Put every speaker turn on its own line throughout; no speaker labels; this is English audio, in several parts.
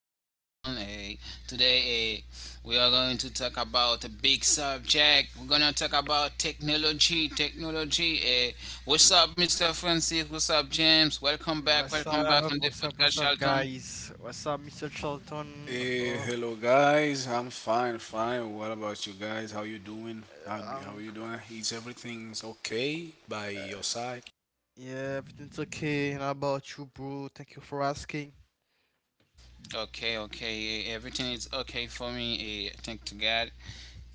Charlton. Hey, today we are going to talk about a big subject. We're gonna talk about technology. Technology. Hey, what's up, Mr. Francis? What's up, James? Welcome back.
What's
Welcome back
up?
on the
What's up?
podcast
What's up,
Charlton.
guys? What's up, Mr. Charlton?
Hey,
Oh,
hello guys. I'm fine. What about you guys? How you doing? How
uh,
how
um,
you doing? Is everything's okay by
uh,
your side?
yeah, everything's okay. And how about you, bro? Thank you for asking.
Okay, okay. Hey, everything is okay for me. Hey, thank to God.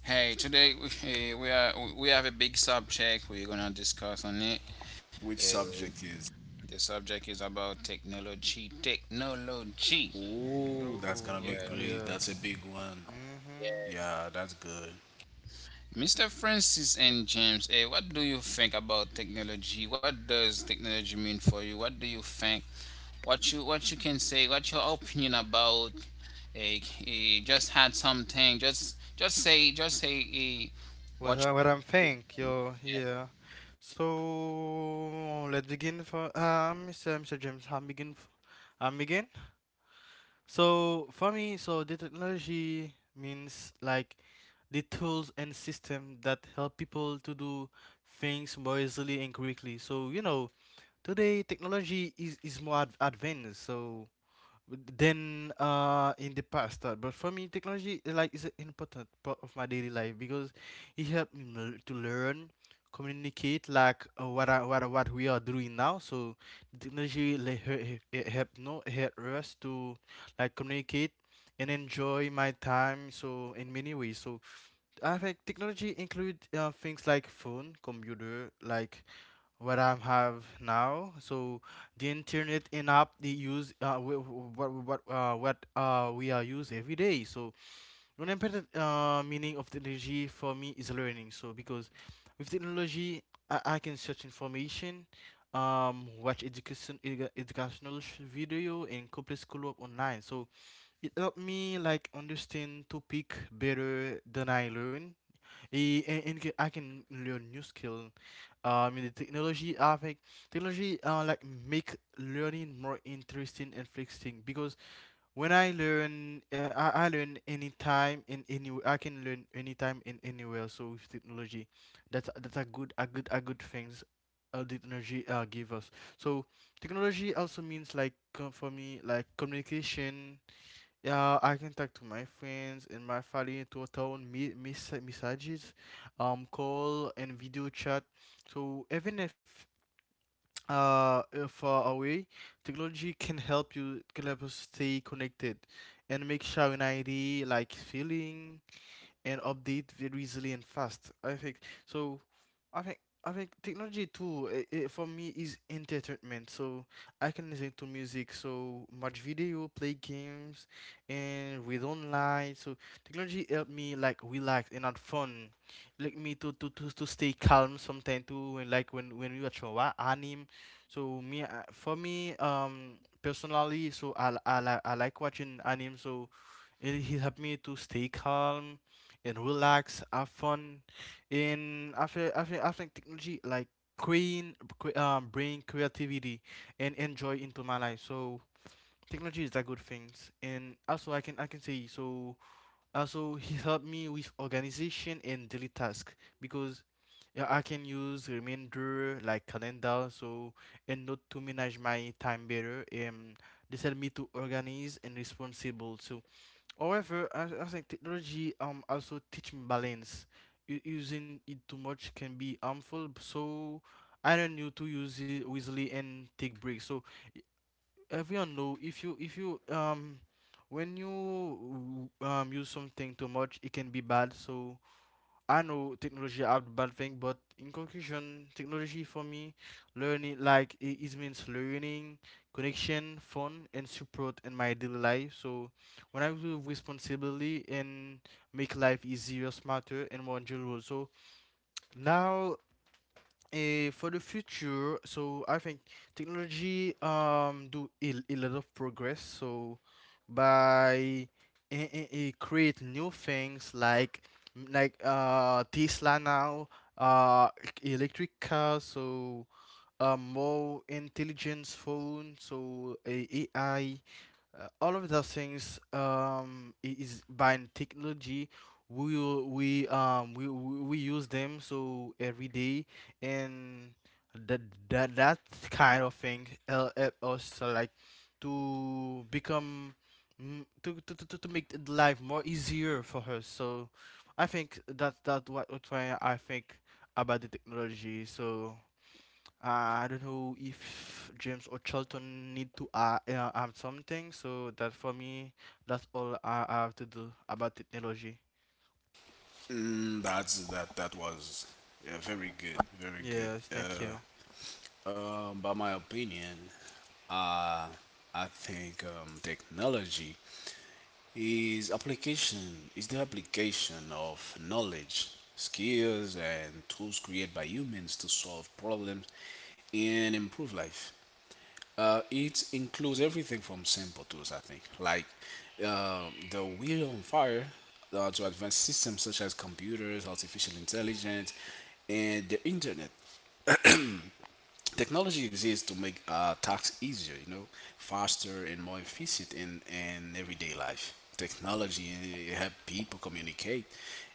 Hey, today we have a big subject we're gonna discuss on it.
Which
Eh,
subject is?
The subject is about technology. Technology.
No,
Ooh, that's gonna be
ok-
Yes,
great. That's a
Yes.
big one.
Mm-hmm.
yes.
Yeah, that's good.
Mr. Francis and James, what do you think about technology? What does technology mean for you? What do you think? What you can say? What's your opinion about? Eh, just had something. Just say
What
what.
I
You,
what I'm think, yo,
yeah.
Yeah. So let's begin for Mr. James. I'm begin. So for me, so the technology means like the tools and system that help people to do things more easily and quickly. So you know, today technology is more advanced. So than in the past but for me technology like is an important part of my daily life because it helped me to learn communicate like what we are doing now. So technology like it helped no help us to like communicate and enjoy my time so in many ways. So I think technology include things like phone computer like what I have now. So the internet and app they use wh- wh- what we are use every day. So one important meaning of technology for me is learning. So because with technology, I can search information, watch educational video, and complete schoolwork online. So it helped me like understand topic better than I learn. I can learn new skill in the technology avec technology like make learning more interesting and flexible because when I learn anytime and anywhere I can learn anytime and anywhere so with technology that's a good things the technology give us. So technology also means like for me like communication. Yeah, I can talk to my friends and my family to town messages, call and video chat. So even if far away, technology can help you can help us stay connected, and make sharing ID like feeling and update very easily and fast. I think so. I think I think technology too. It for me is entertainment. So I can listen to music, so watch video, play games, and read online. So technology help me like relax and have fun. Like me to stay calm sometimes too. And like when we watch a anime, so me for me personally, so I like watching anime. So it help me to stay calm and relax, have fun in after technology like bring creativity and enjoy into my life. So technology is a good things and also I can say. So also he helped me with organization and daily task because yeah, I can use remainder like calendar so and note to manage my time better, and this help me to organize and responsible. So however, I think technology also teaching balance. Using it too much can be harmful, so I don't need to use it wisely and take breaks. So i- everyone know if you when you use something too much, it can be bad. So I know technology are bad thing, but in conclusion, technology for me, it means learning, connection, fun, and support in my daily life. So when I do responsibly and make life easier, smarter, and more enjoyable. So now for the future, so I think technology do a lot of progress. So by create new things like Tesla now, uh electric cars, so more intelligence phone, so eh, a AI all of those things is by technology we will- we use them so every day. And that that kind of thing help us like to become to make the life more easier for her. So I think that what I think about the technology. So I don't know if James or Charlton need to add something. So that for me, that's all I have to do about technology.
That was Very good.
Yes, thank you.
By my opinion, uh, I think technology is the application of knowledge, skills, and tools created by humans to solve problems and improve life. It includes everything from simple tools, I think, like the wheel on fire, to advanced systems such as computers, artificial intelligence, and the internet. Technology exists to make tasks easier, you know, faster and more efficient in everyday life. Technology help people communicate.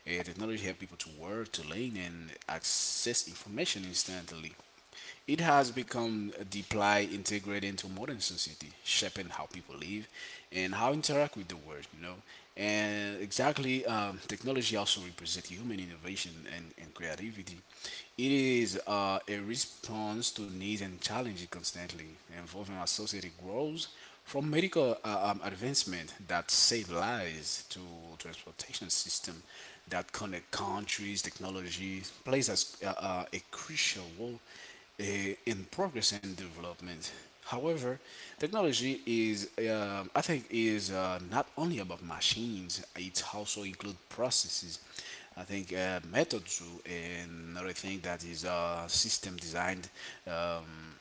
Technology help people to work, to learn, and access information instantly. It has become deeply integrated into modern society, shaping how people live and how interact with the world, you know. And exactly, technology also represents human innovation and creativity. It is a response to needs and challenges constantly, involving our society grows from medical advancement that save lives to transportation system that connect countries. Technology plays as, a crucial role in progress and development. However, technology is, I think, is not only about machines. It also includes processes. I think methods and another thing that is system designed um,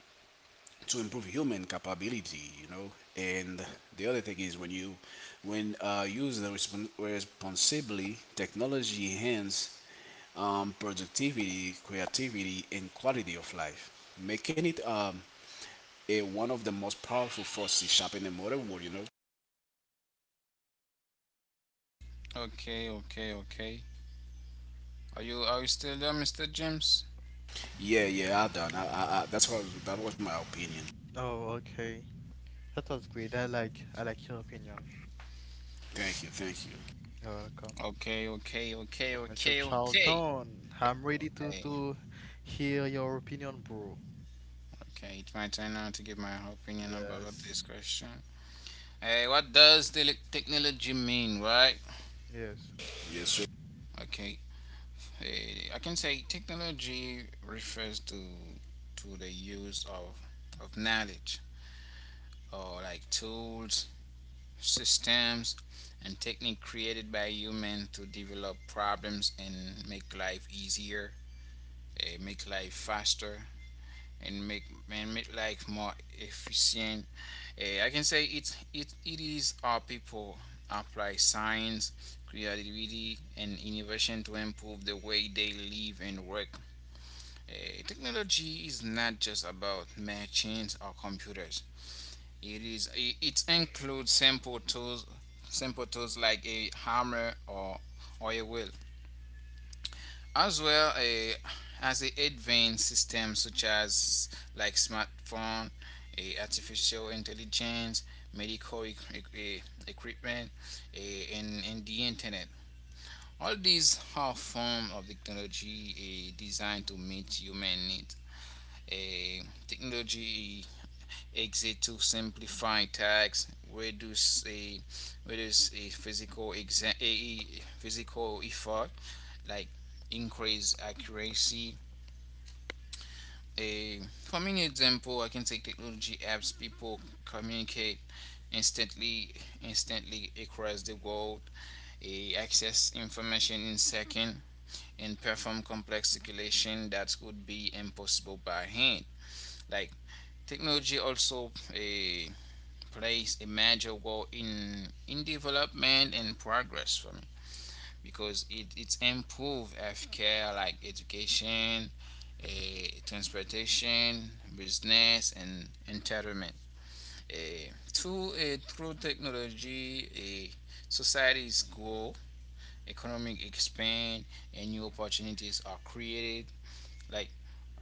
to improve human capability. You know, and the other thing is when you when use the responsibly, technology enhance productivity, creativity, and quality of life, making it one of the most powerful forces shaping the modern world. You know.
Okay, okay, okay. Are you still there, Mr. James?
Yeah, yeah, I done. I that's what that was my opinion.
Oh, okay. That was great. I like your opinion.
Thank you, thank you.
You're welcome.
Okay, okay, okay,
Mm, Mr.
okay, okay.
Charlton, I'm ready
Okay.
to hear your opinion, bro.
Okay, it's my turn now to give my opinion about
Yes.
this question. Hey, what does the technology mean, right?
Yes.
Yes, sir.
Okay, hey, I can say technology refers to the use of knowledge or like tools, systems, and technique created by humans to develop problems and make life easier, make life faster, and make life more efficient. I can say it is our people apply science, creativity, and innovation to improve the way they live and work. Technology is not just about machines or computers. It includes simple tools, like a hammer or a wheel, as well as the advanced systems such as like smartphone, a artificial intelligence, medical equipment, and the internet. All these are form of technology, designed to meet human needs. A Technology exists to simplify tasks, reduce a reduce a physical exa- a- physical effort, like increase accuracy. A For many example I can take technology apps people communicate instantly instantly across the world, a access information in second, and perform complex calculation that could be impossible by hand. Like technology also a plays a major role in development and progress for me, because it's improve healthcare like education, transportation, business, and entertainment. Through technology, eh, societies grow, economic expand, and new opportunities are created. Like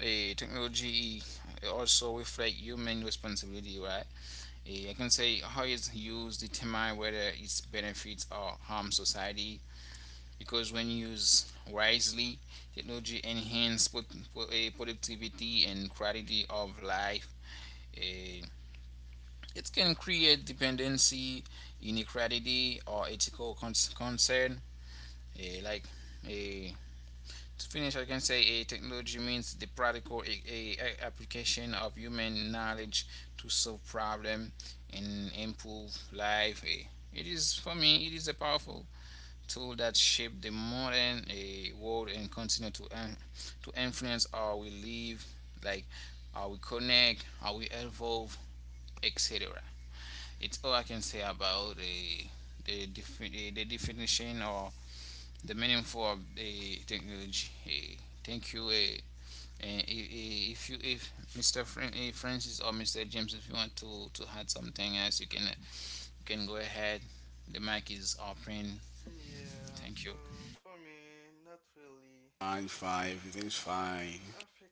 technology also reflect human responsibility, right? I can say how it's used determine whether its benefits or harm society, because when used wisely, technology enhances productivity and quality of life. Eh, It can create dependency, inequality, or ethical concern. Like, eh, to finish, I can say technology means the practical application of human knowledge to solve problems and improve life. It is for me. It is a powerful tool that shape the modern a world and continue to influence how we live, like how we connect, how we evolve, etc. It's all I can say about the definition or the meaning for the technology. Thank you. Eh, and I- if you if Mr. Francis or Mr. James, if you want to add something else, you can go ahead. The mic is open.
Yeah,
Thank you.
so for me, not really.
Fine, fine. Everything's fine.
I think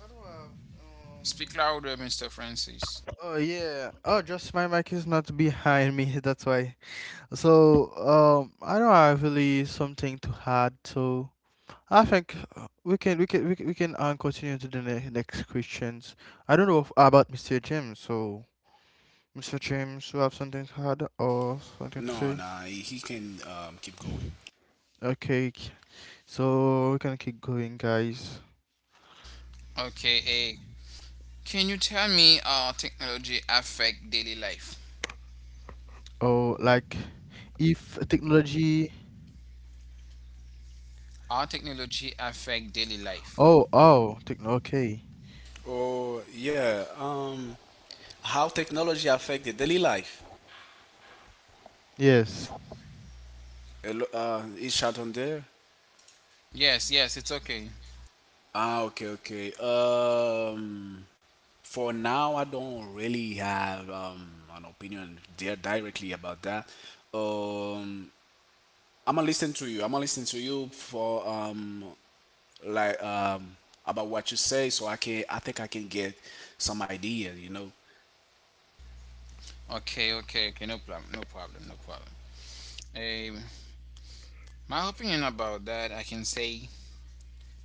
I don't have.
Speak
Um.
louder, Mr. Francis.
Oh yeah. Oh, just my mic is not behind me. That's why. So I don't have really something to add. So I think we can continue to the next questions. I don't know if, about Mr. James. So Mr. James, you have something to add or something to
No,
say?
nah. He can keep going.
Okay. So we can keep going, guys.
Okay, can you tell me how technology affect daily life?
Oh, like if technology.
How technology affect daily life?
Oh, Techno. Okay.
Oh, yeah. How technology affect the daily life?
Yes.
Hello, uh, is shot on there?
Yes, yes, it's okay.
Ah, okay, okay. For now, I don't really have an opinion there directly about that. Um, I'm gonna listen to you. I'm gonna listen to you for like about what you say, so I can. I think I can get some idea. You know.
Okay, okay, okay, no problem, no problem, no problem. Um, my opinion about that, I can say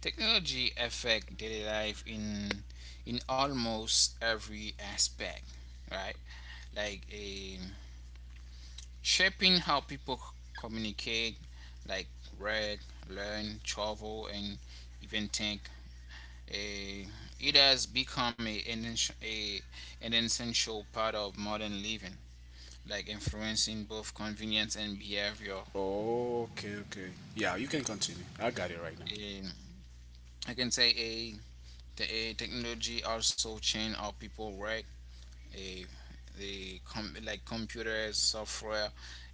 technology affect daily life in almost every aspect, right? Like, shaping how people communicate, like read, learn, travel, and even think. Eh, it has become a, an, ens- a, an essential part of modern living, like influencing both convenience and behavior.
Okay. Okay. Yeah, you can continue. I got it right now.
Eh, I can say a, the a technology also changed how people work. a like computers, software,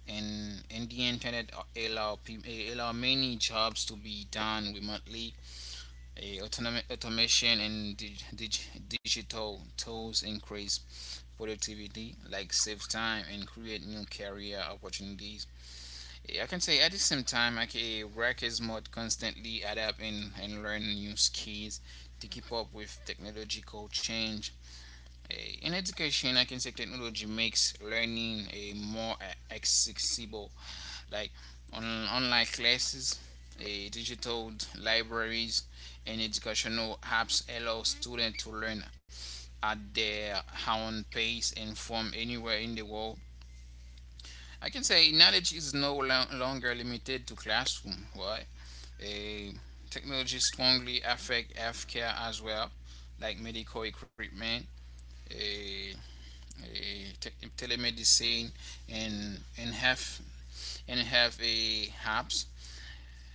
and the internet allow allow many jobs to be done remotely. Automation and digital tools increase productivity, like save time and create new career opportunities. I can say at the same time, like a workers must constantly adapt and, learn new skills to keep up with technological change. In education, I can say technology makes learning a more accessible, like on online classes, a digital libraries, and educational apps allow students to learn at their own pace and from anywhere in the world. I can say knowledge is no longer limited to classroom. Why? Eh, Technology strongly affect healthcare as well, like medical equipment, eh, eh, te- telemedicine, and and have and have a HAPS,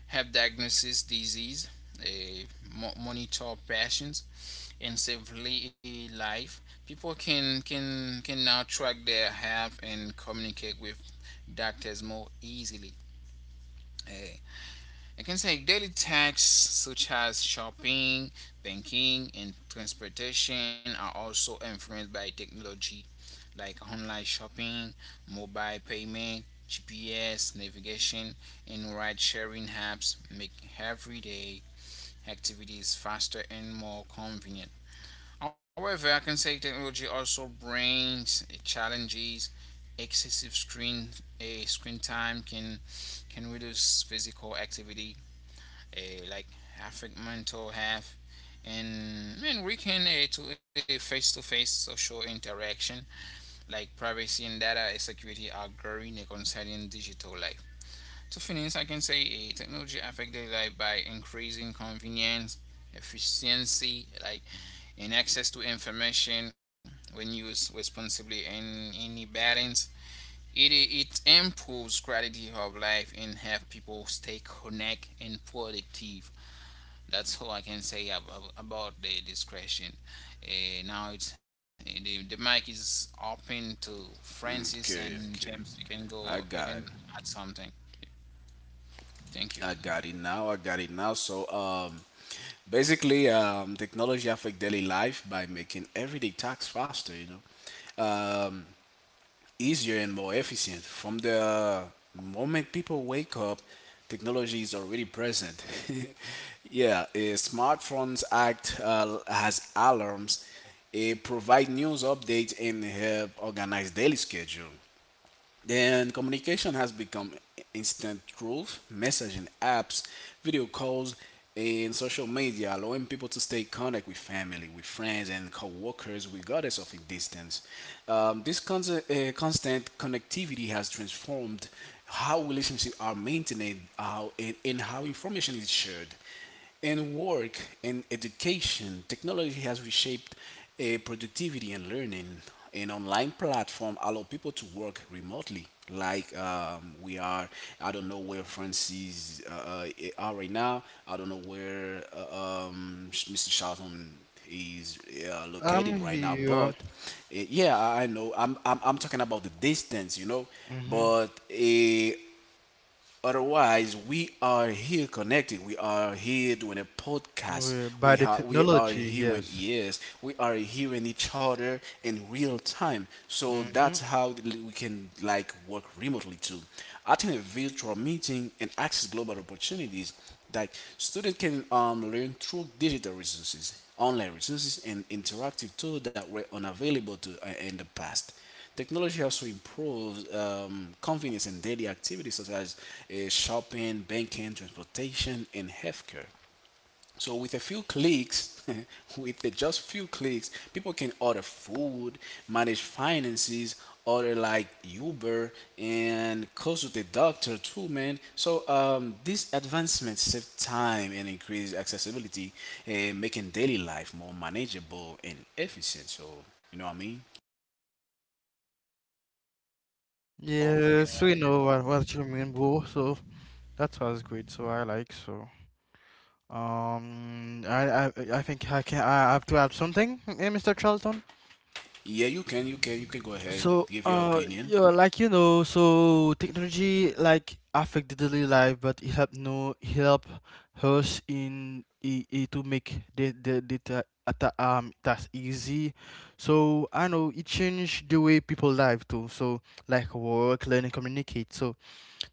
have diagnosis disease, a monitor patients, and save life. People can now track their health and communicate with doctors more easily. Eh, I can say daily tasks such as shopping, banking, and transportation are also influenced by technology, like online shopping, mobile payment, GPS navigation, and ride sharing apps make everyday activities faster and more convenient. However, I can say technology also brings challenges. Excessive screen time can reduce physical activity, like affect mental health, and weaken a face to face social interaction, like privacy and data security are growing and concerning digital life. To finish, I can say technology affect daily life by increasing convenience, efficiency, like and access to information when used responsibly and any balance. It improves quality of life and help people stay connected and productive. That's all I can say about the discretion. Now it's the mic is open to Francis and
Okay,
James.
okay.
You can go.
I
You can
got it.
add something. Thank
I
you.
got it now. I got it now. So, basically, technology affect daily life by making everyday tasks faster, you know. Um, easier and more efficient. From the moment people wake up, technology is already present. Yeah, smartphones act as alarms, provide news updates, and help organize daily schedule. Then communication has become instant rules, messaging apps, video calls, and social media, allowing people to stay connected with family, with friends, and co-workers regardless of a distance. This constant connectivity has transformed how relationships are maintained, and how information is shared. In work and education, technology has reshaped productivity and learning. An online platform allow people to work remotely, like we are. I don't know where Francis are right now. I don't know where Mr. Charlton is
I'm
located right now.
here.
But yeah, I know. I'm talking about the distance, you know.
Mm-hmm.
But otherwise, we are here connecting. We are here doing a podcast.
By
We
the
are we are
technology,
hearing
yes.
yes. We are hearing each other in real time. So
Mm-hmm.
that's how we can like work remotely too. Attend a virtual meeting and access global opportunities that students can learn through digital resources, online resources, and interactive tools that were unavailable to in the past. Technology also improves convenience in daily activities such as shopping, banking, transportation, and healthcare. So with a few clicks, with the just few clicks, people can order food, manage finances, order like Uber, and consult a doctor too, man. So these advancements save time and increase accessibility, making daily life more manageable and efficient. So you know what I mean?
Oh,
Yes, we know what you mean, bro. So that was great. So I like so. I think I can I have to add something, eh, Mr. Charlton.
Yeah, you can go ahead,
So,
give your opinion.
yeah, like you know, so technology like affect the daily life, but it help no it help us in I to make the task easy. So I know it changed the way people live too. So like work, learn, and communicate. So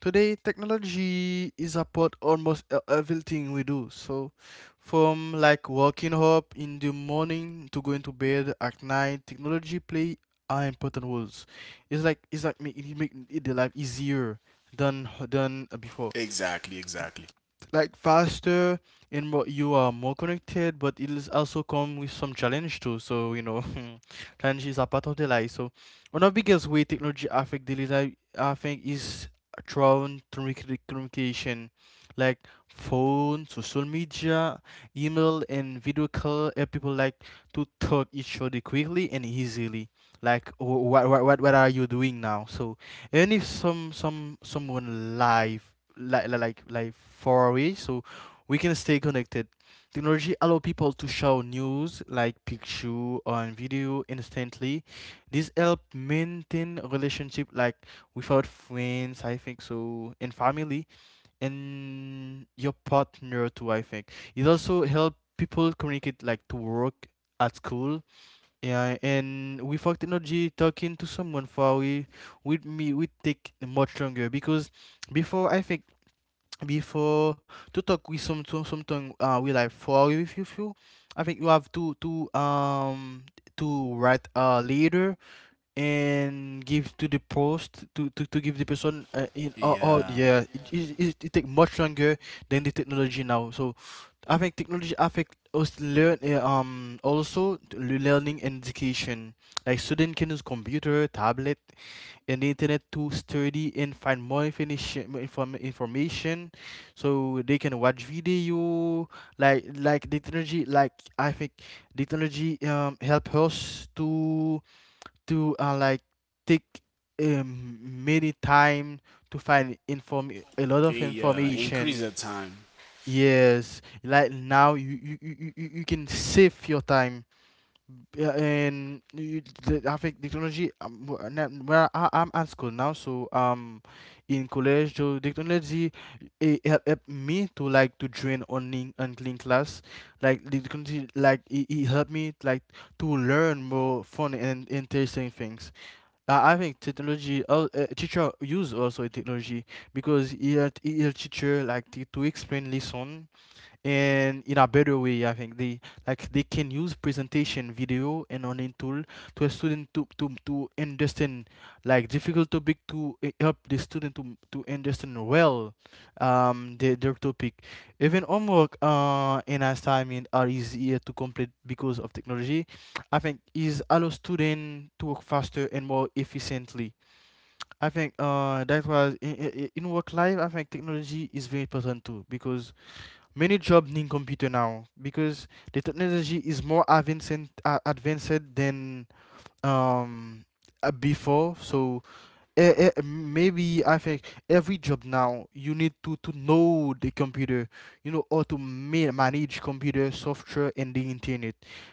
today, technology is a part almost everything we do. So, from like waking up in the morning to going to bed at night, technology play are important roles. It's like make it the life easier than before,
Exactly, exactly.
like faster and more you are more connected, but it is also come with some challenge too. So you know, challenges are part of the life. So one of the biggest way technology affect daily life I think is through communication, like phone social media email and video call help people like to talk each other quickly and easily, like what are you doing now. So and if someone live like far away, so we can stay connected. Technology allow people to show news like picture or video instantly. This help maintain relationship like without friends, I think so, and family and your partner too. I think it also help people communicate like to work at school. Yeah, and without technology, talking to someone far away with me would take much longer because before I think before to talk with something we like for with you feel, I think you have to write a leader and give to the post to give the person in oh, oh
Yeah,
yeah it take much longer than the technology now. So I think technology affect us learn also to learning and education, like student can use computer tablet in the internet to study and find more information. So they can watch video the technology like I think the technology help us to like take many time to find inform a lot of
yeah, increase the
information.
time.
Yes, like now you can save your time. Yeah, and you, the, I think the technology. Where I'm at school now, so in college, so the technology help me to like to join online unclean class. Like the technology, like it helped me like to learn more fun and interesting things. I think technology. Teacher use also technology because it help teacher like to explain lesson in a better way. I think they like they can use presentation video and online tool to a student to understand like difficult topic to eh, help the student to understand well their topic. Even homework and assignment are easier to complete because of technology. I think is allow student to work faster and more efficiently. I think that was in work life. I think technology is very important too, because many jobs need computer now because the technology is more advanced than um before. So eh, eh, maybe I think every job now you need to know the computer. You know how to manage computer software and the internet.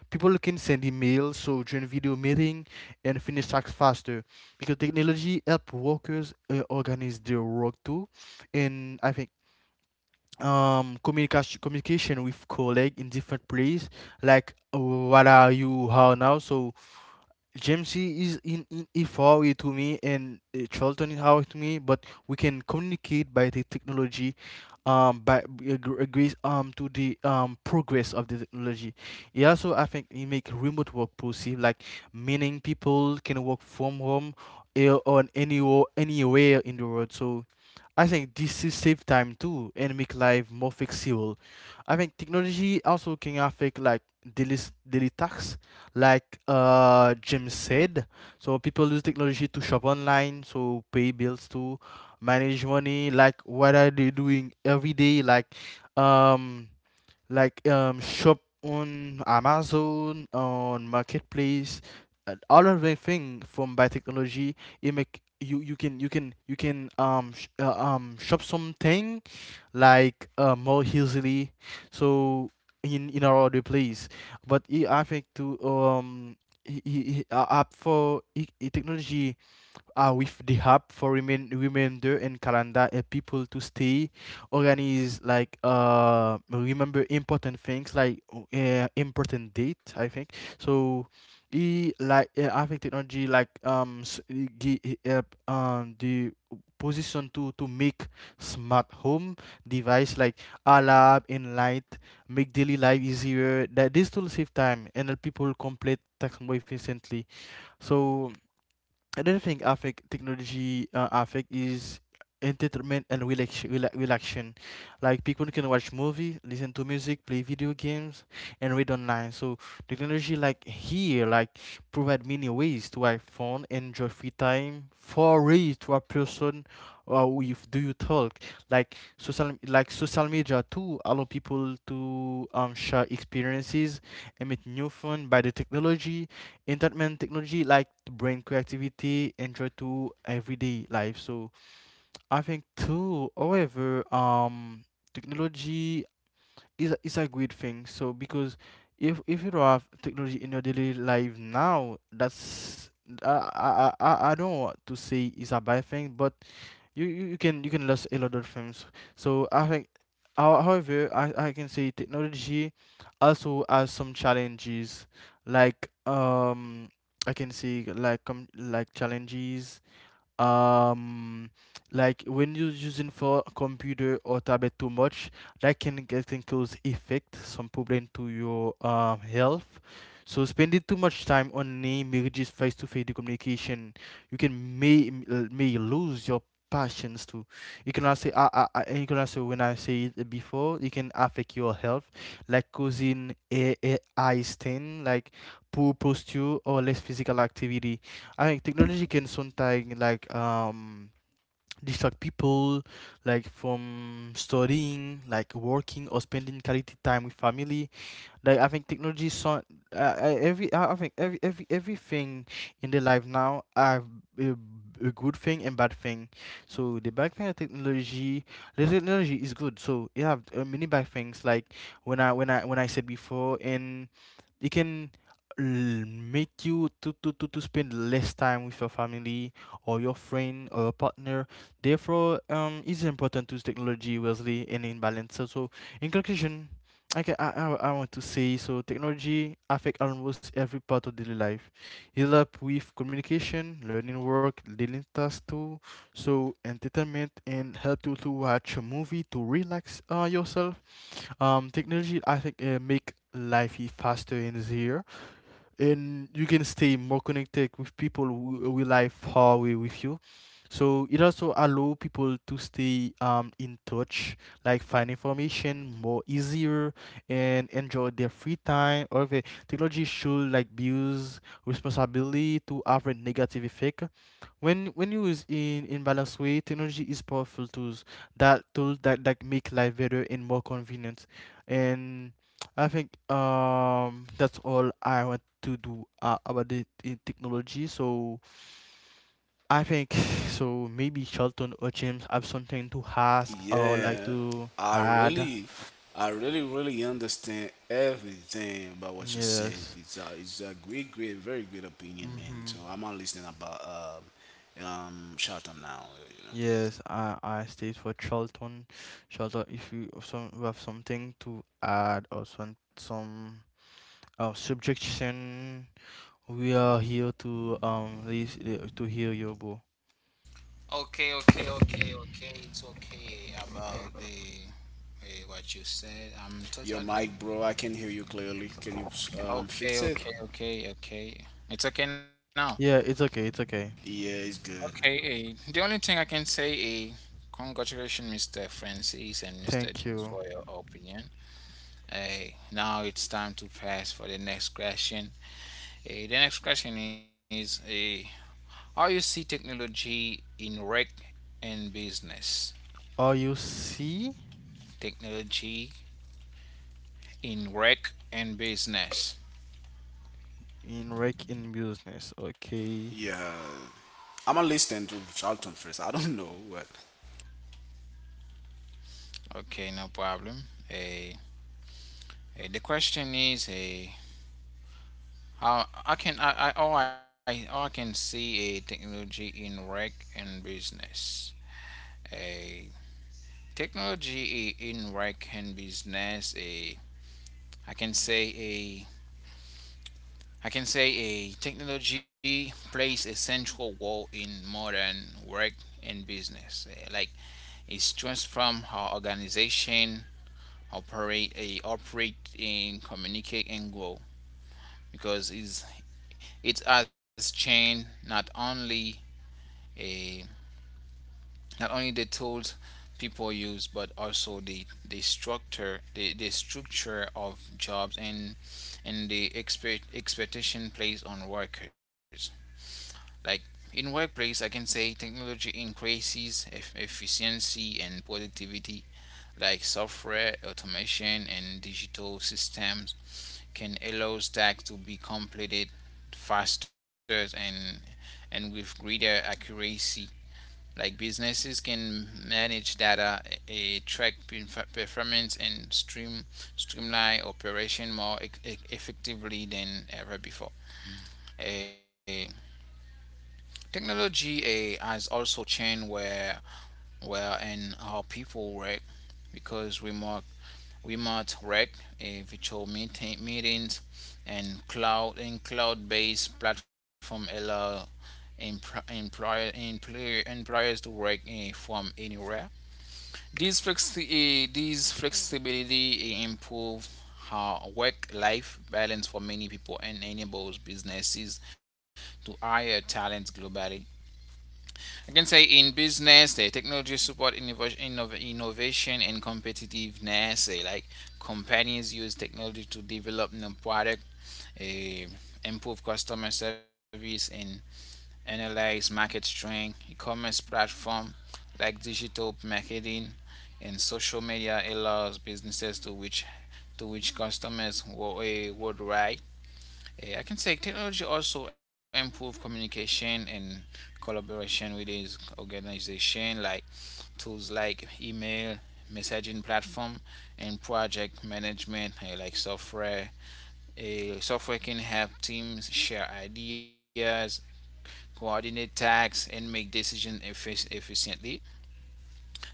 People can send emails, so join video meeting and finish tasks faster, because technology help workers organize their work too. And I think communication with colleague in different place, like what are you how now. So Jamesy is in e far way to me and Charlton is how to me, but we can communicate by the technology, by grace to the progress of the technology. It also, I think, it make remote work possible, like meaning people can work from home, on anywhere in the world. So I think this is save time too and make life more flexible. I think technology also can affect like daily tasks, like James said. So people use technology to shop online, so pay bills, to manage money. Like what are they doing every day? Um like shop on Amazon, on marketplace, all of the thing from by technology. It make you can shop something like more easily, so in our other place. But I think to he app for technology, with the app for remainder and calendar, and people to stay organized, like remember important things like important date, I think. So he like, I think technology like it help the position to make smart home device like alarm and light, make daily life easier, that this will save time and help people complete task more efficiently. So another thing I think technology, I think is entertainment and relaxation. Like people can watch movie, listen to music, play video games, and read online. So technology like here, like provide many ways to have fun, enjoy free time, for ways to a person, with do you talk. Like social media too allow people to share experiences and meet new fun by the technology. Entertainment technology like to bring creativity into to everyday life. So I think too, however, technology is a good thing. So because if you don't have technology in your daily life now, that's uh, I I don't want to say it's a bad thing, but you can lose a lot of things. So I think, however, I can say technology also has some challenges, like I can say like challenges. um like when you're using for a computer or tablet too much, that can cause effect some problem to your health. So spending too much time on name marriages face-to-face communication, you can may lose your passions too. You can also, you can also, when I say it before, it can affect your health, like causing a eye strain, like poor posture or less physical activity. I think technology can sometimes like distract people, like from studying, like working or spending quality time with family. Like I think technology is so every I think every everything in the life now are a, a good thing and bad thing. So the bad thing of technology, the technology is good. So you have many bad things, like when I said before, and it can make you to spend less time with your family or your friend or your partner. Therefore, it's important to use technology wisely and in balance. So, in conclusion, okay, I want to say, so technology affect almost every part of daily life. It help with communication, learning work, dealing tasks too, so entertainment, and help you to watch a movie to relax, yourself. Technology, I think, make life faster and easier, and you can stay more connected with people who will live far away with you. So it also allow people to stay in touch, like find information more easier, and enjoy their free time. However, technology should like be used responsibility to avoid negative effect. When you use in balanced way, technology is powerful tools that tools that make life better and more convenient. And I think that's all I want to do, about it in technology. So I think so maybe Charlton or James have something to ask or like
Yeah,
to
I
add.
really, I really, really understand everything about what you said.
Yes.
It's a great, great, very great opinion, man.
Mm-hmm.
So I'm not listening about shut up now. You know,
Yes, I stayed for Charlton. Charlton, if you have some you have something to add or some subjection, we are here to to hear you, bro.
okay, okay, okay, okay. It's okay about the what you said. I'm
your
totally
mic, bro. I can hear you clearly. Can you
okay,
fix it?
okay, okay, okay. It's okay now.
Yeah, it's okay. It's okay.
Yeah, it's good.
Okay, the only thing I can say is congratulations, Mr. Francis and Mr.
Thank
James, for
you.
your opinion. Hey, now it's time to pass for the next question. Hey, the next question is, hey, how you see technology in rec and business.
Are you C
Technology in rec and business.
in rec in business? Okay.
Yeah, I'm gonna listen to Charlton first. I don't know what.
Okay, no problem. Hey, the question is, hey, how I can, I can see a technology in rec and business. A Technology in rec and business. A I can say a I can say a technology plays a central role in modern work and business. Like, it's transformed how organization operate and communicate and grow, because it has changed not only a not only the tools people use, but also the structure the, structure of jobs and the expectation placed on workers. Like in workplace, I can say technology increases efficiency and productivity. Like software, automation, and digital systems can allow tasks to be completed faster and with greater accuracy. Like businesses can manage data, track performance, and streamline operation more effectively than ever before. Eh, Technology has also changed where and how people work, because remote work, virtual meetings, and cloud-based platform allow employers to work from anywhere. This flexibility improve how work-life balance for many people and enables businesses to hire talent globally. I can say in business, the technology support innovation and competitiveness, like companies use technology to develop new product, eh, improve customer service, and analyze market strength. E-commerce platform, like digital marketing and social media, allows businesses to reach customers worldwide. Yeah, I can say technology also improve communication and collaboration with his organization, like tools like email, messaging platform, and project management, like software. A Software can help teams share ideas, coordinate tasks, and make decisions efficiently.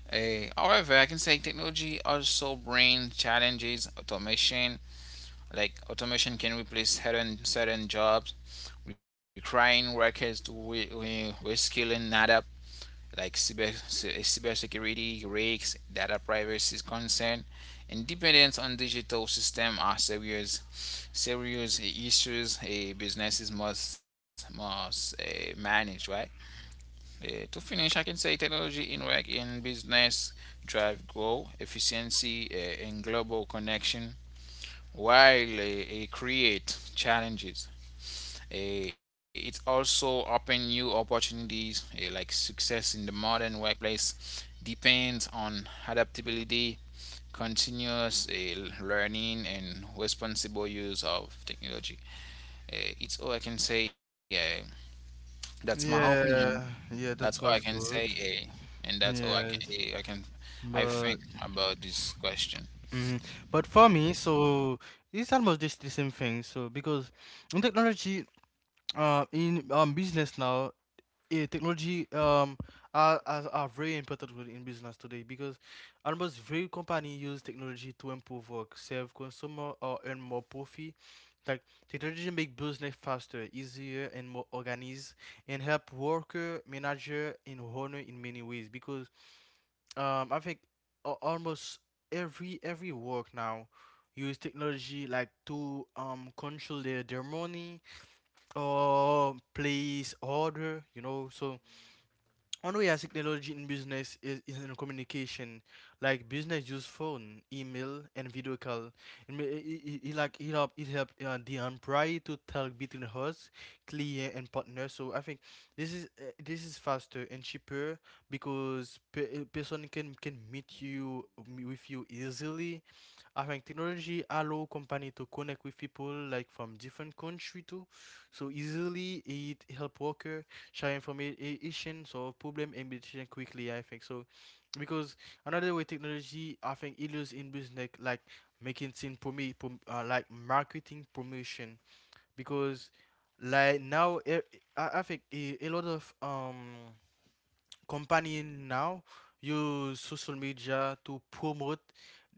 However, I can say technology also brings challenges. Automation, like automation, can replace certain jobs, requiring workers to reskill and adapt, like cybersecurity risks, data privacy concern, and dependence on digital system are serious issues businesses must manage. Right. To finish, I can say technology in business drive growth, efficiency, and global connection, while create challenges. It also opens new opportunities, like success in the modern workplace depends on adaptability, continuous learning, and responsible use of technology. It's all I can say. That's my opinion.
Yeah, yeah,
That's all
that
I
was
can say,
good.
and that's all
Yes.
I can I
But
think about this question.
mm, but for me, so it's almost just the same thing. So because in technology, in business now, yeah, technology are very important in business today, because almost every company use technology to improve work, serve consumer or earn more profit. Like technology make business faster, easier and more organized, and help worker, manager and owner in many ways, because I think almost every work now use technology, like to control their money or place order. So one way as technology in business is in communication, like business use phone, email, and video call. It, may, it like it help the employee to talk between host, client, and partner. So I think this is faster and cheaper, because person can meet with you easily. I think technology allow company to connect with people like from different country too. So easily it help worker share information, solve problem and decision quickly, I think. So because another way technology, I think, it is in business like, making things like marketing promotion, because like now I think a lot of company now use social media to promote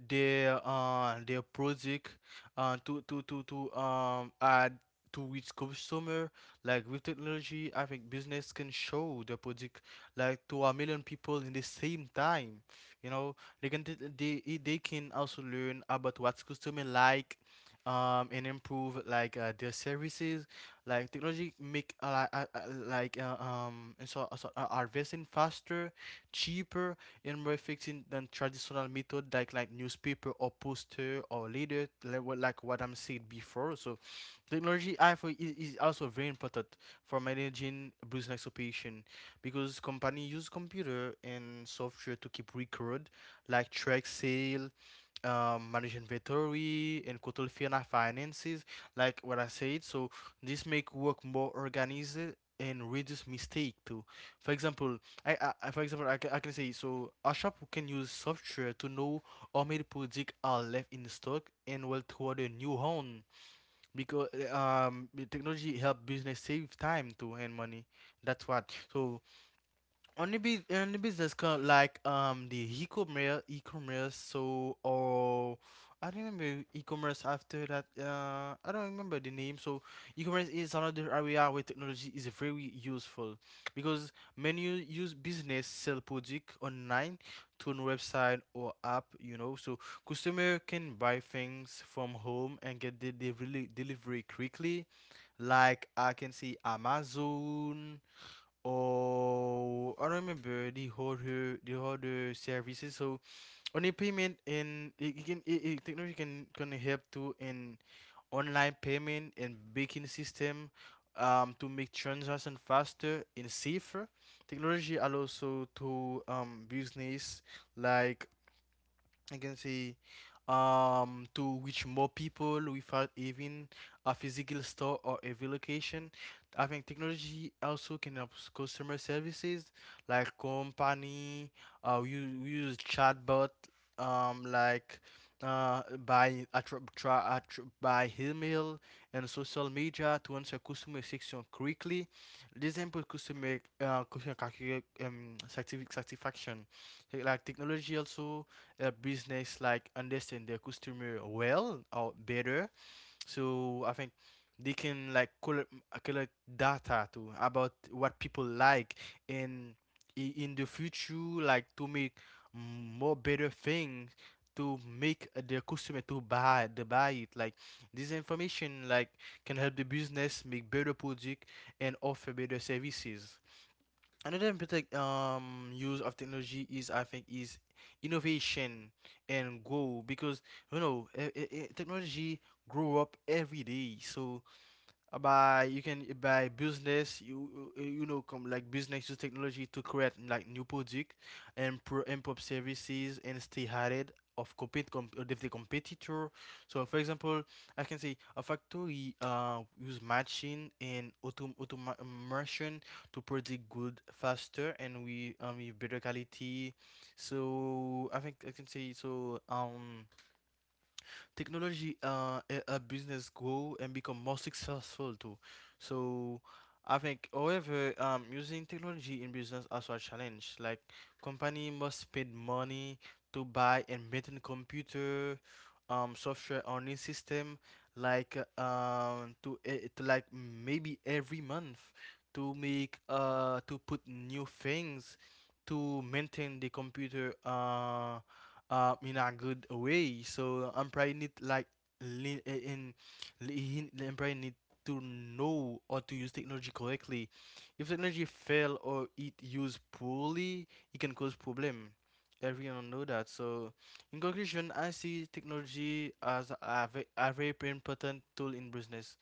their project uh to to to to um add to reach consumer. Like with technology, I think business can show the project like to 1 million people in the same time you know they can t- they I- they can also learn about what customer like, and improve like their services. Like technology make and so, so are faster, cheaper, and more effective than traditional method like newspaper or poster or leader, like what I'm saying before. So technology, I feel, is also very important for managing business operation, because company use computer and software to keep record, like track sale, manage inventory and control finances, like what I said. So this make work more organized and reduce mistake too. For example, I can say, so a shop can use software to know how many products are left in stock, and will toward a new home, because the technology help business save time too and money. That's what. So only business card like the e-commerce, so, or I don't remember e-commerce after that, I don't remember the name. So e-commerce is another area where technology is very useful, because many use business sell product online, to a website or app, so customer can buy things from home and get the delivery quickly, like I can see Amazon. Oh, I remember the other services. So on the payment, and it can it, it, technology can help to in online payment and banking system, to make transaction faster and safer. Technology allows so to business, like I can say, to reach more people without even a physical store or every location. I think technology also can help customer services, like company we use chatbot, um like by by email and social media to answer customer section quickly. This improve customer satisfaction. Like technology also a business like understand their customer well or better. So I think they can like collect data too about what people like, and in the future like to make more better things, to make the customer to buy the buy it like. This information like can help the business make better product and offer better services. Another important use of technology is I think is innovation and grow, because technology grow up every day. So by you can by business you you know come like business use technology to create like new product and pro improve services and stay ahead of the competitor. So for example, I can say, a factory use machine and automation to predict good faster and we with better quality. So I can say, technology a business grow and become more successful too. So I think, however, using technology in business also a challenge. Like company must spend money to buy and maintain computer, software on this system, like to, to like maybe every month to make to put new things to maintain the computer in a good way. So employee need like lean in the employee need to know how to use technology correctly. If technology fail or it used poorly, it can cause problem. Everyone know that. So in conclusion, I see technology as a very important tool in business.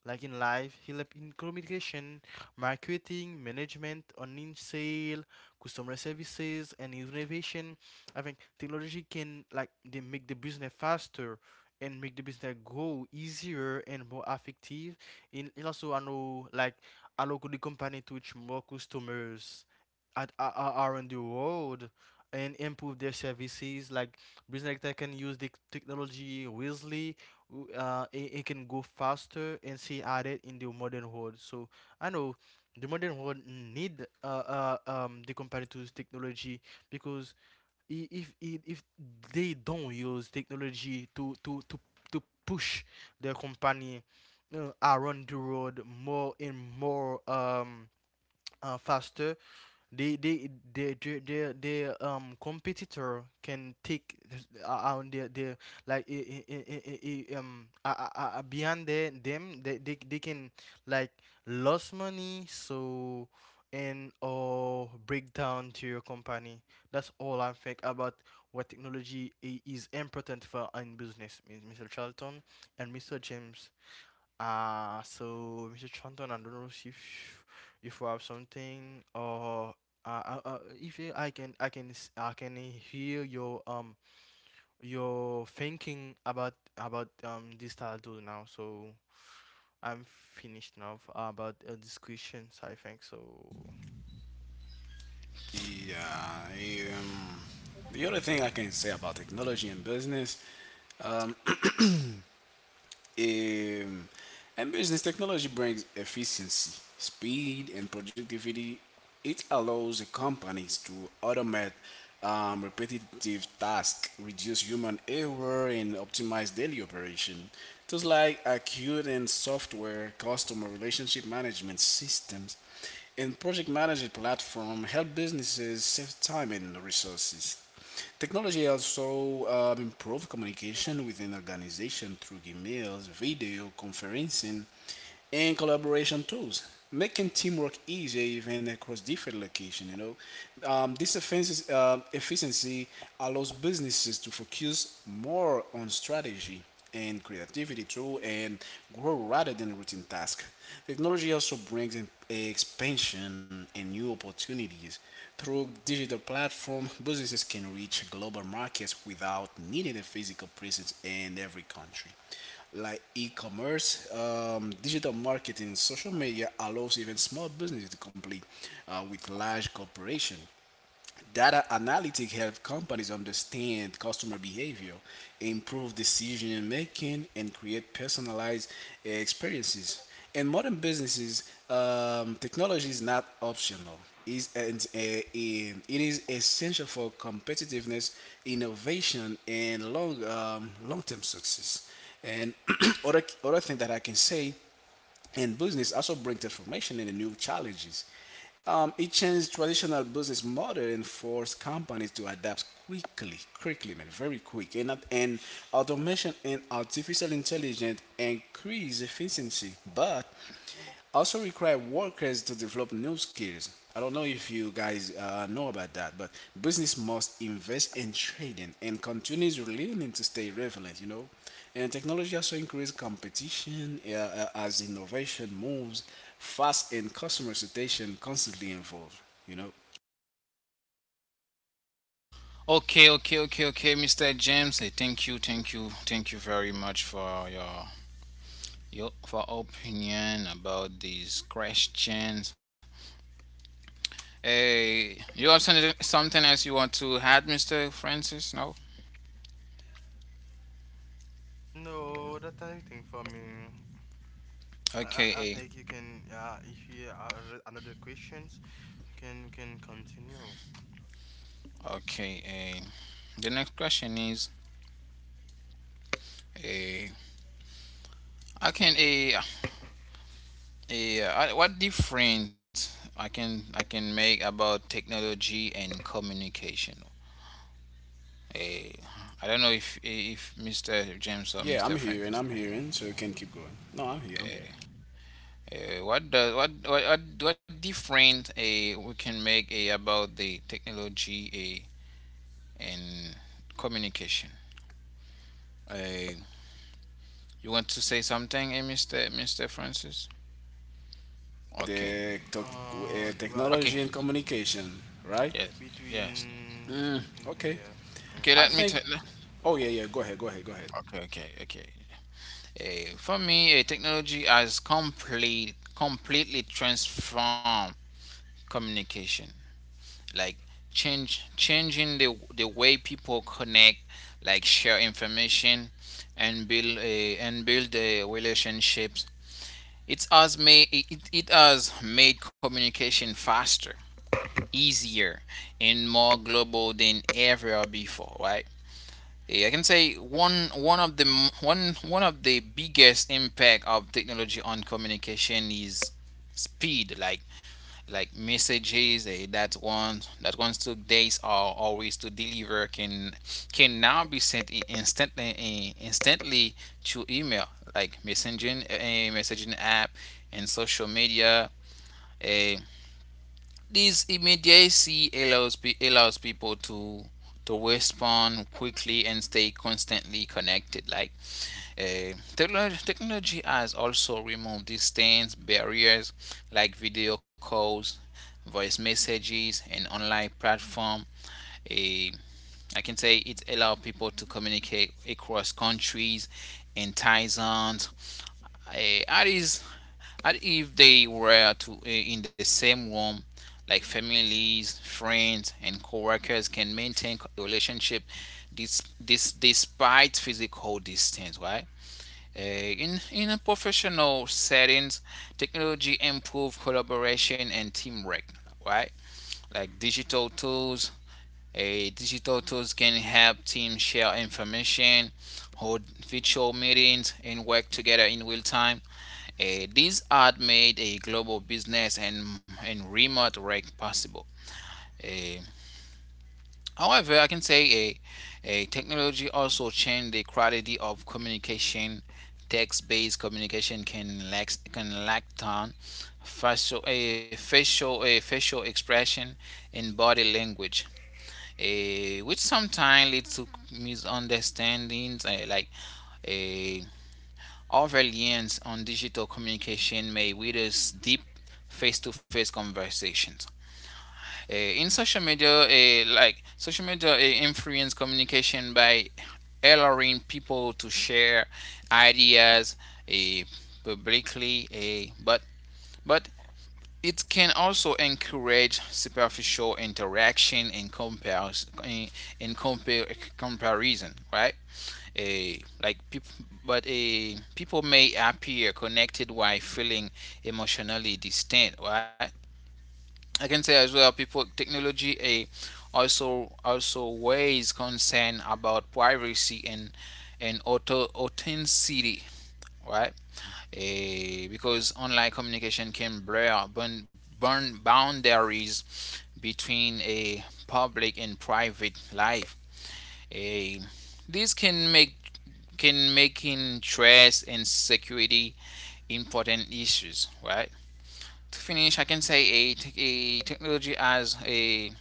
Like in life, he help in communication, marketing, management, online sale, customer services, and innovation. I think technology can like they make the business faster and make the business grow easier and more effective. And it also allow the company to reach more customers at around the world and improve their services. Like business that can use the technology wisely it can go faster and stay at it in the modern world. So I know the modern world need the company to use technology because if they don't use technology to push their company around the world more and more faster, they their competitor can take on their like beyond their, them they can like lose money so and or break down to your company. That's all I think about what technology is important for in business, Mr. Charlton and Mr. James. So Mr. Chanton, I don't know if you have something or if you, I can hear your thinking about this title now. So I'm finished now about these questions. I think so.
Yeah. Um, the other thing I can say about technology and business, um, technology brings efficiency, speed, and productivity. It allows the companies to automate repetitive tasks, reduce human error, and optimize daily operation. Tools like acute and software, customer relationship management systems, and project management platform help businesses save time and resources. Technology also improved communication within organization through emails, video conferencing, and collaboration tools, making teamwork easier even across different locations. You know, this offenses, efficiency allows businesses to focus more on strategy and creativity too, and grow rather than routine tasks. Technology also brings in expansion and new opportunities through digital platform, businesses can reach global markets without needing a physical presence in every country. Like e-commerce, digital marketing, social media allows even small businesses to compete with large corporations. Data analytics help companies understand customer behavior, improve decision making, and create personalized experiences. In modern businesses, technology is not optional. Is it is essential for competitiveness, innovation, and long term success. And other thing that I can say in business also bring transformation and new challenges it changed traditional business model and forced companies to adapt quickly, quickly, man, very quick. And automation and artificial intelligence increase efficiency, but also require workers to develop new skills. I don't know if you guys know about that, but business must invest in training and continuously learning to stay relevant, you know. And technology also increases competition as innovation moves fast and customer situation constantly evolve, you know.
Okay, okay, okay, okay, Mr. James. Thank you, thank you, thank you very much for your for opinion about these questions. Hey, you have something else you want to add, Mr. Francis? No.
No, that's type for me. I,
Okay.
I I think you can if you are another questions, you can continue.
Okay. The next question is, eh, I can Eh. What difference I can make about technology and communication? Eh, I don't know if Mr. James or
Yeah,
Mr.
I'm here and
Francis
I'm
can.
hearing, so you can keep going. No, I'm here, I'm here.
hey, what does what difference we can make about the technology, and communication? Uh, you want to say something, Mister Francis? Okay,
The tech-
Uh, well,
okay,
Technology and communication, right?
yes, yes.
between
Mm,
between
okay.
yeah,
Okay,
mm-hmm.
I
let me tell.
think. Oh yeah, yeah. Go ahead, go ahead, go ahead.
Okay, okay, okay. For me, technology has completely transformed communication. Like change changing the way people connect, like share information and build the relationships. It has made communication faster, easier, and more global than ever before, right? I can say one one of the one one of the biggest impact of technology on communication is speed. Like messages that ones took days or always to deliver can now be sent instantly, instantly, through email, like messaging app, and social media. A. This immediacy allows people to respond quickly and stay constantly connected. Like technology has also removed distance barriers, like video calls, voice messages, and online platform. I can say it allows people to communicate across countries and time zones, at is if they were to in the same room. Like families, friends, and coworkers can maintain relationship, this despite physical distance, right? In a professional settings, technology improve collaboration and teamwork, right? Like digital tools, a digital tools can help teams share information, hold virtual meetings, and work together in real time. This ad made a global business and remote work possible. Uh, However, I can say a technology also changed the quality of communication. Text-based communication can lack tone, facial expression, and body language, which sometimes leads to misunderstandings. Eh, Our reliance on digital communication may withers deep face-to-face conversations. In social media, like Social media influence communication by allowing people to share ideas, uh, publicly, but it can also encourage superficial interaction and compares and compare comparison, right? A like people, but a People may appear connected while feeling emotionally distant, right? I can say as well, people technology a also weighs concern about privacy and auto authenticity, right? Because online communication can burn boundaries between a public and private life. A This can make can making trust and security important issues, right? To finish, I can say a, tech- a technology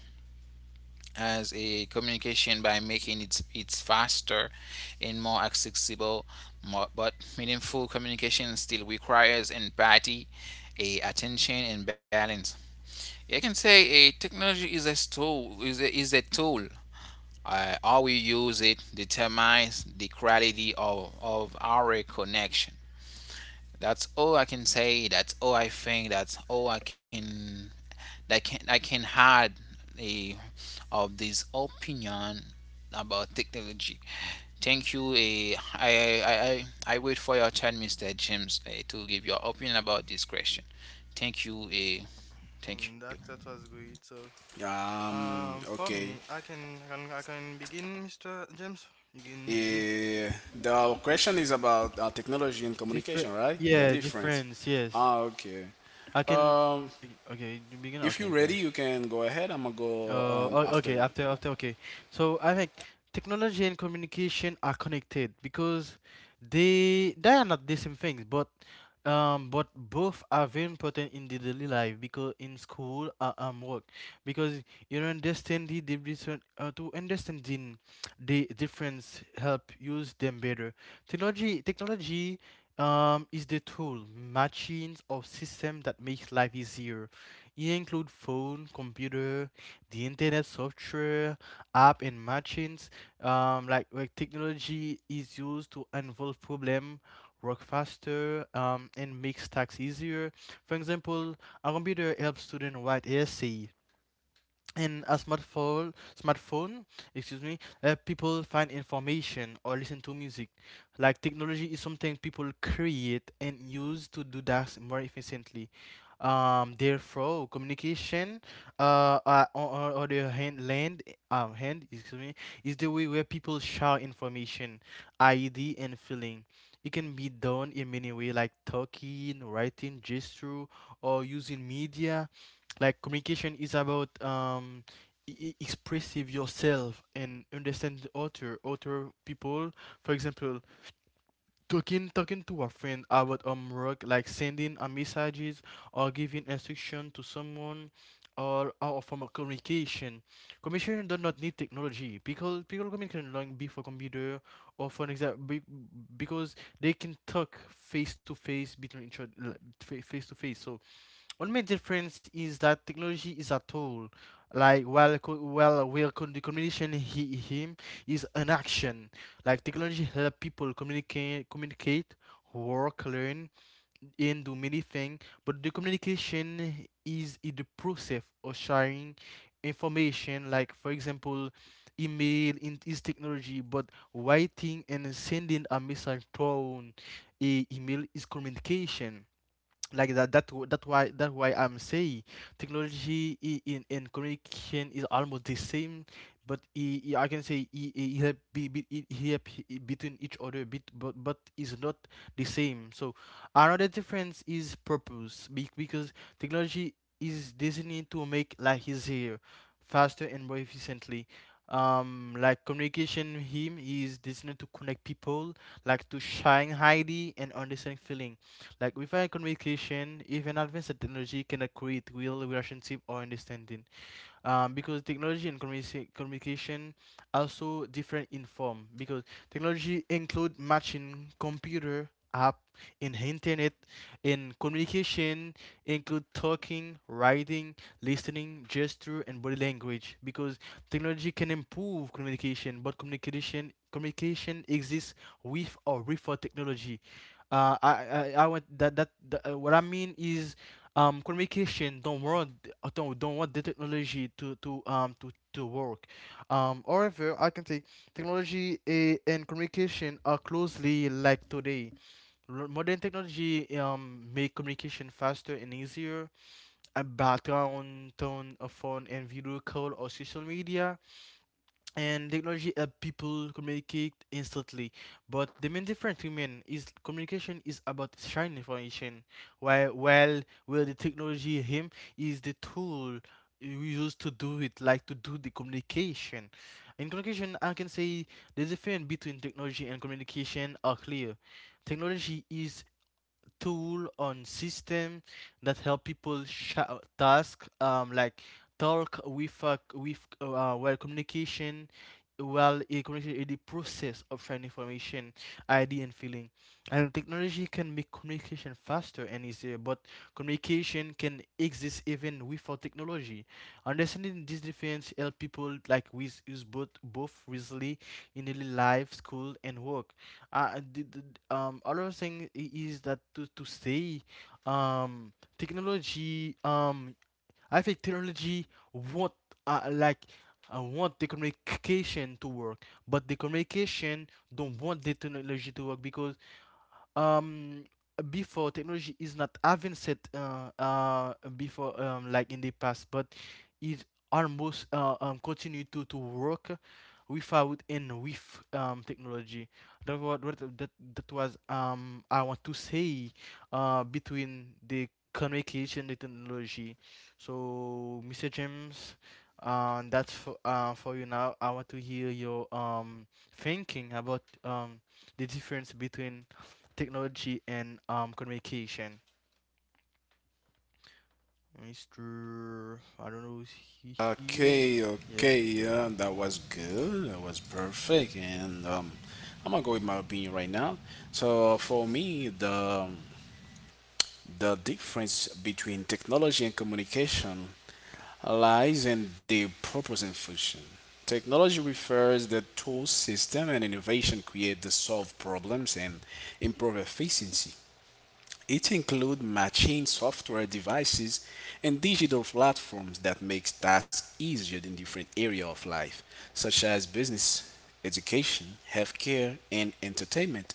as a communication by making it's faster and more accessible more, but meaningful communication still requires empathy, a attention, and balance. I can say a technology is a tool, is a tool. How we use it determines the quality of our connection. That's all I can say, that's all I think, that's all I can, that can I can add a of this opinion about technology. Thank you. I wait for your turn, Mr. James, to give your opinion about this question. Thank you.
And
Thank you.
that was great. So for
Okay.
me, I can begin, Mr. James, you can
The our question is about technology and
Different,
communication, right? The
yeah,
difference.
difference, yes.
Ah, okay.
I can,
Um,
okay, you begin,
if you're
okay,
ready,
okay.
you can go ahead. I'm gonna go after
Okay,
you.
after okay. So I think technology and communication are connected because they are not the same things, but both are very important in the daily life because in school work because you understand the to understanding the difference help use them better. Technology is the tool machines or system that makes life easier. It include phone, computer the internet software, app, and machines, like where technology is used to unfold problem, work faster, and makes tasks easier. For example, a computer helps students write essay, in a smartphone excuse me, people find information or listen to music. Like technology is something people create and use to do that more efficiently. Therefore, communication, on, the hand land, hand, excuse me, is the way where people share information, id and feeling. It can be done in many ways like talking, writing, gesture, or using media. Like communication is about expressive yourself and understand the other people. For example, talking to a friend about work, like sending a messages or giving instruction to someone, or from a Communication do not need technology because people communicate long before computer, or for example because they can talk face to face between each other, face to face. So one main difference is that technology is a tool, like while co- while where con- the communication he him is an action. Like technology help people communicate, work, learn, and do many things. But the communication is in the process of sharing information. Like for example, email is technology, but writing and sending a message through an email is communication. Like that why I'm saying technology, in communication, is almost the same. But I can say I it help be it help between each other, bit but is not the same. So another difference is purpose, because technology is designed to make life easier, faster and more efficiently. Like communication, him he is designed to connect people, like to shine highly and understand feeling. Like without communication, even advanced technology cannot create real relationship or understanding. Because technology and communication are so different in form. Because technology include matching computer app in internet, in communication include talking, writing, listening, gesture and body language. Because technology can improve communication, but communication exists with or without technology. I want what I mean is, communication don't want, don't want the technology to work. However, I can say technology, and communication, are closely like today. Modern technology make communication faster and easier. A on tone, a phone and video call or social media and technology help people communicate instantly. But the main difference women is communication is about sharing information, while where the technology him is the tool we use to do it, like to do the communication. In communication, I can say the difference between technology and communication are clear. Technology is tool on system that help people task, like talk with well communication. Well, a communication is the process of sharing information, idea and feeling. And technology can make communication faster and easier, but communication can exist even without technology. Understanding this difference help people like with use both wisely in daily life, school and work. The other thing is that, to say, um, technology, I think technology want, like want the communication to work, but the communication don't want the technology to work because um before technology is not advanced, before, like in the past, but it almost, continue to work without and with technology. That was I want to say, between the communication and technology. So, Mr. James, that's for you now. I want to hear your thinking about the difference between technology and communication. Mr., I don't know, is he here?
Okay, okay,
Yes.
yeah, that was good. That was perfect. And I'm gonna go with my opinion right now. So for me, the difference between technology and communication lies in their purpose and function. Technology refers the tool system and innovation create to solve problems and improve efficiency. It includes matching software devices and digital platforms that makes tasks easier in different areas of life, such as business, education, healthcare, and entertainment.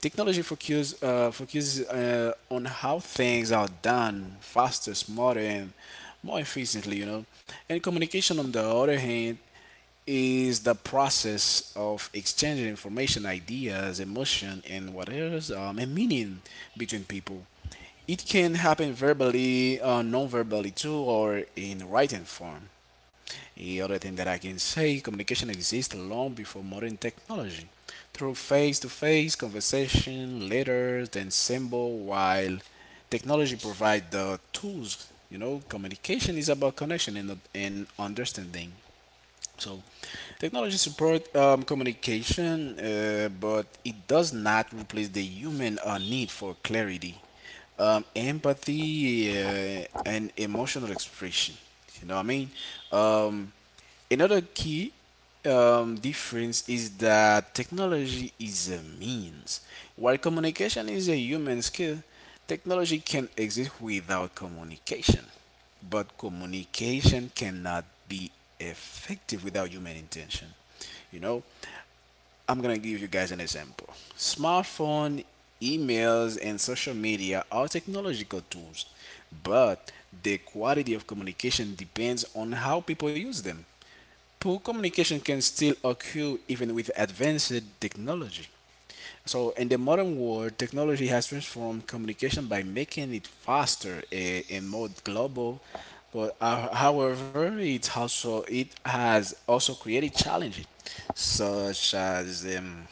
Technology focus, focuses on how things are done faster, smarter, and more efficiently, you know. And communication, on the other hand, is the process of exchanging information, ideas, emotion, and whatever and meaning between people. It can happen verbally, non-verbally too, or in writing form. The other thing that I can say, communication exists long before modern technology. Through face-to-face conversation, letters, and symbol, while technology provides the tools, you know, communication is about connection and understanding. So, technology support communication, but it does not replace the human need for clarity, empathy, and emotional expression. You know what I mean? Um, Another key difference is that technology is a means. While communication is a human skill, technology can exist without communication. But communication cannot be effective without human intention. You know, I'm going to give you guys an example. Smartphone, emails, and social media are technological tools, but the quality of communication depends on how people use them. Poor communication can still occur even with advanced technology. So, in the modern world, technology has transformed communication by making it faster and more global. But however, it has also created challenges such as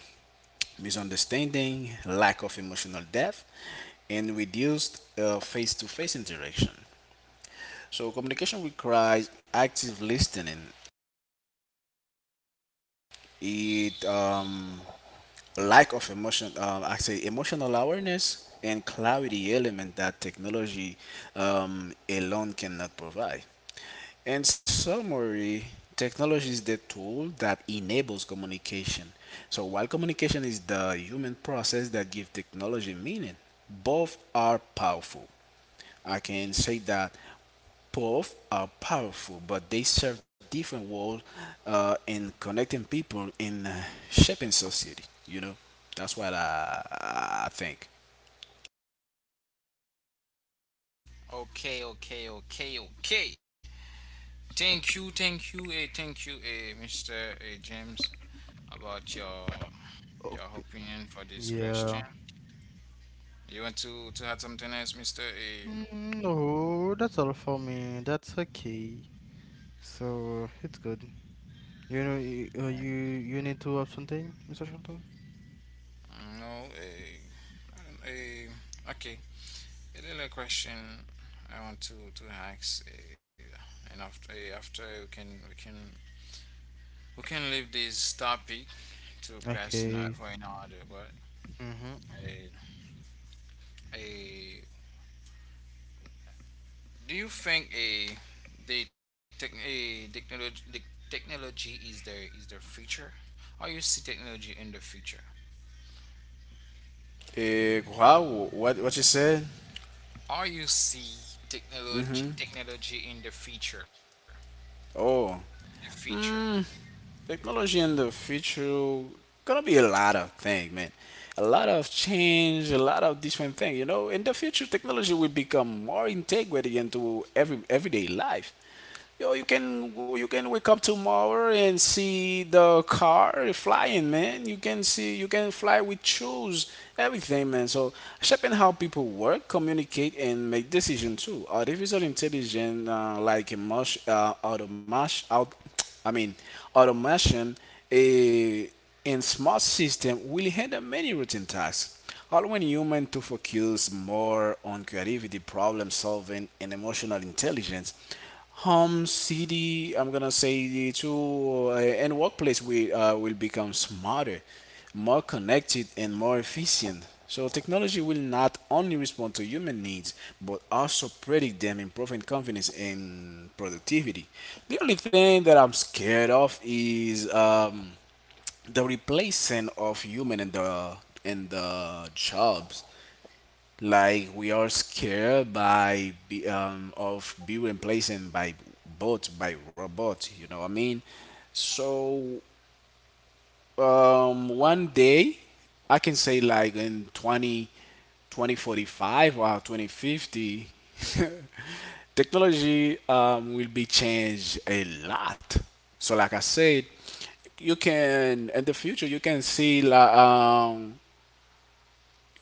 misunderstanding, lack of emotional depth, and reduced face-to-face interaction. So communication requires active listening. It lack of emotion, I say emotional awareness and clarity element that technology alone cannot provide. In summary, technology is the tool that enables communication. So while communication is the human process that gives technology meaning, both are powerful. I can say that both are powerful, but they serve different roles in connecting people in shaping society. You know, that's what I think.
Okay, okay, okay, okay. Thank you, thank you, thank you, Mr. James, about your
Open.
opinion for this
Yeah.
question. You want to add something else, Mr. A?
Mm, no, that's all for me. That's okay. So it's good. You know, you need to have something, Mr. Shelton?
No, I don't- eh, okay. Another question I want to ask, and after after we can we can leave this topic to pass in
Okay.
for another. But
Mhm.
a a do you think a the tech a technology the technology is the future? How you see technology in the future?
Wow, what you said?
How you see technology in the future?
Oh,
The future.
mm, technology in the future gonna be a lot of things, man. A lot of change, a lot of different things. In the future, technology will become more integrated into everyday life. Yo, you can wake up tomorrow and see the car flying, man. You can see you can fly with shoes, everything, man. So shaping how people work, communicate, and make decisions too. Artificial intelligence, like automation, I mean, automation, a in smart system will handle many routine tasks, allowing humans to focus more on creativity, problem solving, and emotional intelligence. Home, city, I'm gonna say the two, and workplace we will become smarter, more connected, and more efficient. So technology will not only respond to human needs, but also predict them, improving confidence and productivity. The only thing that I'm scared of is the replacing of human in the jobs, like we are scared of being replacing by bots, by robot, you know what I mean. So one day, I can say like in 2045 or 2050, technology will be changed a lot. So, like I said, you can in the future, you can see like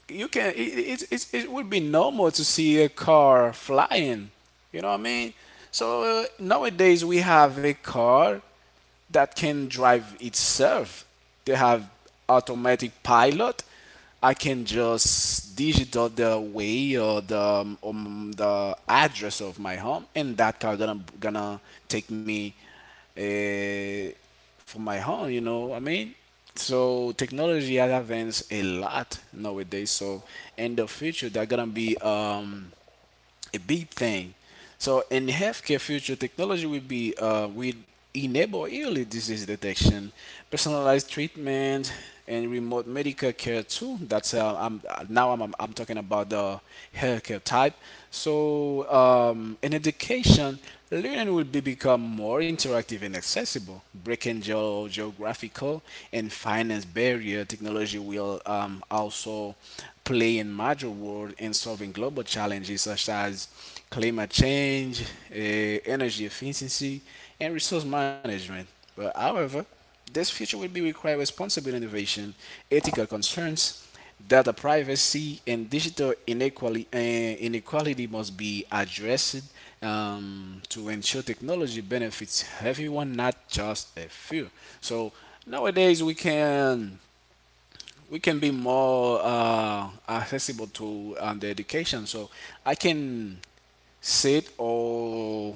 you can it would be normal to see a car flying, you know what I mean. So nowadays we have a car that can drive itself. They have automatic pilot. I can just digital the way or the address of my home, and that car gonna take me uh, from my home. You know what I mean. So technology has advanced a lot nowadays. So in the future, they're gonna be a big thing. So in healthcare future, technology will enable early disease detection, personalized treatment, and remote medical care too. That's I'm now I'm talking about the healthcare type. So in education, learning will be become more interactive and accessible, breaking geographical and finance barrier. Technology will also playing major role in solving global challenges such as climate change, energy efficiency, and resource management. But however, this future will be require responsible innovation, ethical concerns, data privacy, and digital inequality. Inequality must be addressed to ensure technology benefits everyone, not just a few. So nowadays we can be more accessible to the education. So I can sit or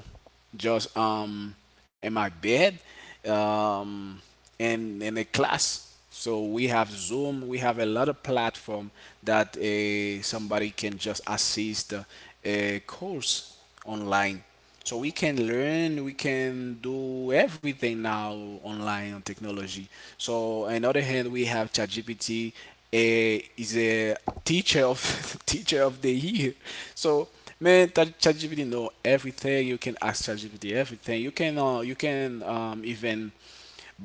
just in my bed, um, in a class. So we have Zoom. We have a lot of platform that somebody can just assist a course online. So we can learn, we can do everything now online on technology. So on the other hand, we have ChatGPT, is a teacher of teacher of the year. So man, ChatGPT know everything. You can ask ChatGPT everything. You can even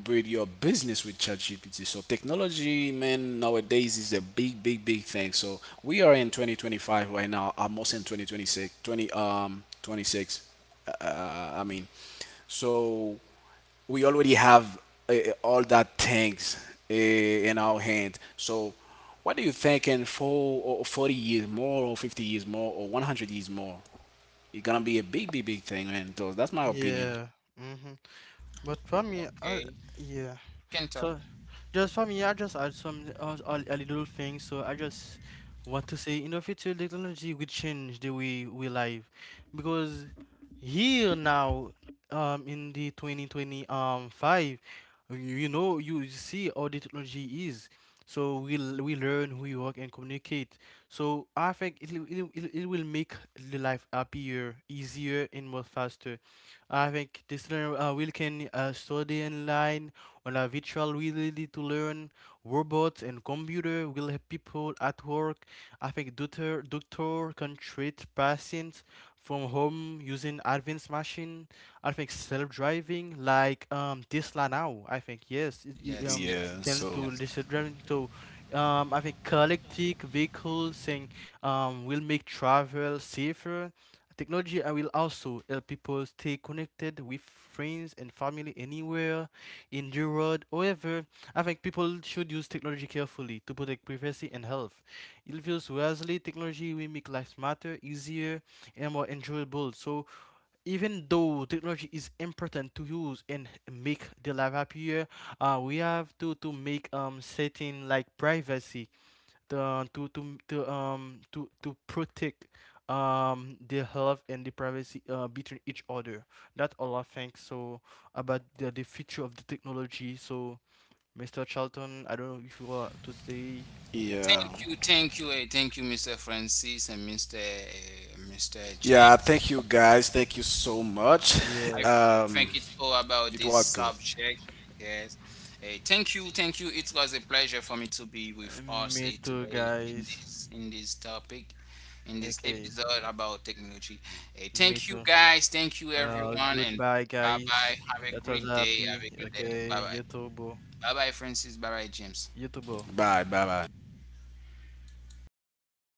build your business with ChatGPT. So technology, man, nowadays is a big, big, big thing. So we are in 2025 right now, almost in 2026, 20 um 26. I mean, so we already have all that things in our hand. So what do you think in 4 or 40 years more or 50 years more or 100 years more? It's gonna be a big, big, big thing, man. So that's my opinion.
Yeah. Mhm. But for me, I,
Okay,
yeah.
can talk.
So, just for me, I just add some a little thing. So I just want to say, in the future, technology will change the way we live, because here now, in the twenty twenty five, you know you see how the technology is. So we we learn, we work and communicate. So I think it will make the life happier, easier, and more faster. I think this learner, will can, study online on a virtual reality to learn. Robots and computer will help people at work. I think doctor can treat patients from home using advanced machine. I think self-driving, like Tesla now. I think yes, it, it,
Yes,
um
yes,
Yeah.
can
yes,
So
to the
yes.
self-driving. So I think collective vehicles thing will make travel safer. Technology, will also help people stay connected with friends and family anywhere. In endured. However, I think people should use technology carefully to protect privacy and health. It feels wisely technology will make life matter easier and more enjoyable. So even though technology is important to use and make the life happier, we have to make, certain like privacy, the to protect, the health and the privacy, between each other. That all I think so about the future of the technology. So, Mr. Charlton, I don't know if you want to say
yeah.
Thank you, thank you, thank you, Mr. Francis and Mr. Mr. Chen.
Yeah, thank you guys. Thank you so much.
I
yes.
think it's
Um,
all about this
it was good.
subject. Yes. Thank you, thank you. It was a pleasure for me to be with us
Me
today
too, guys.
in this topic in this
Okay,
episode about technology.
me
Thank you,
too.
guys. Thank you, everyone, and bye
Goodbye,
bye. Have a
guys.
great
That was
day. Have a
happy.
good day. Bye bye.
Okay, YouTube,
Bye bye, Francis. Bye bye, James.
YouTube.
Bye, bye, bye.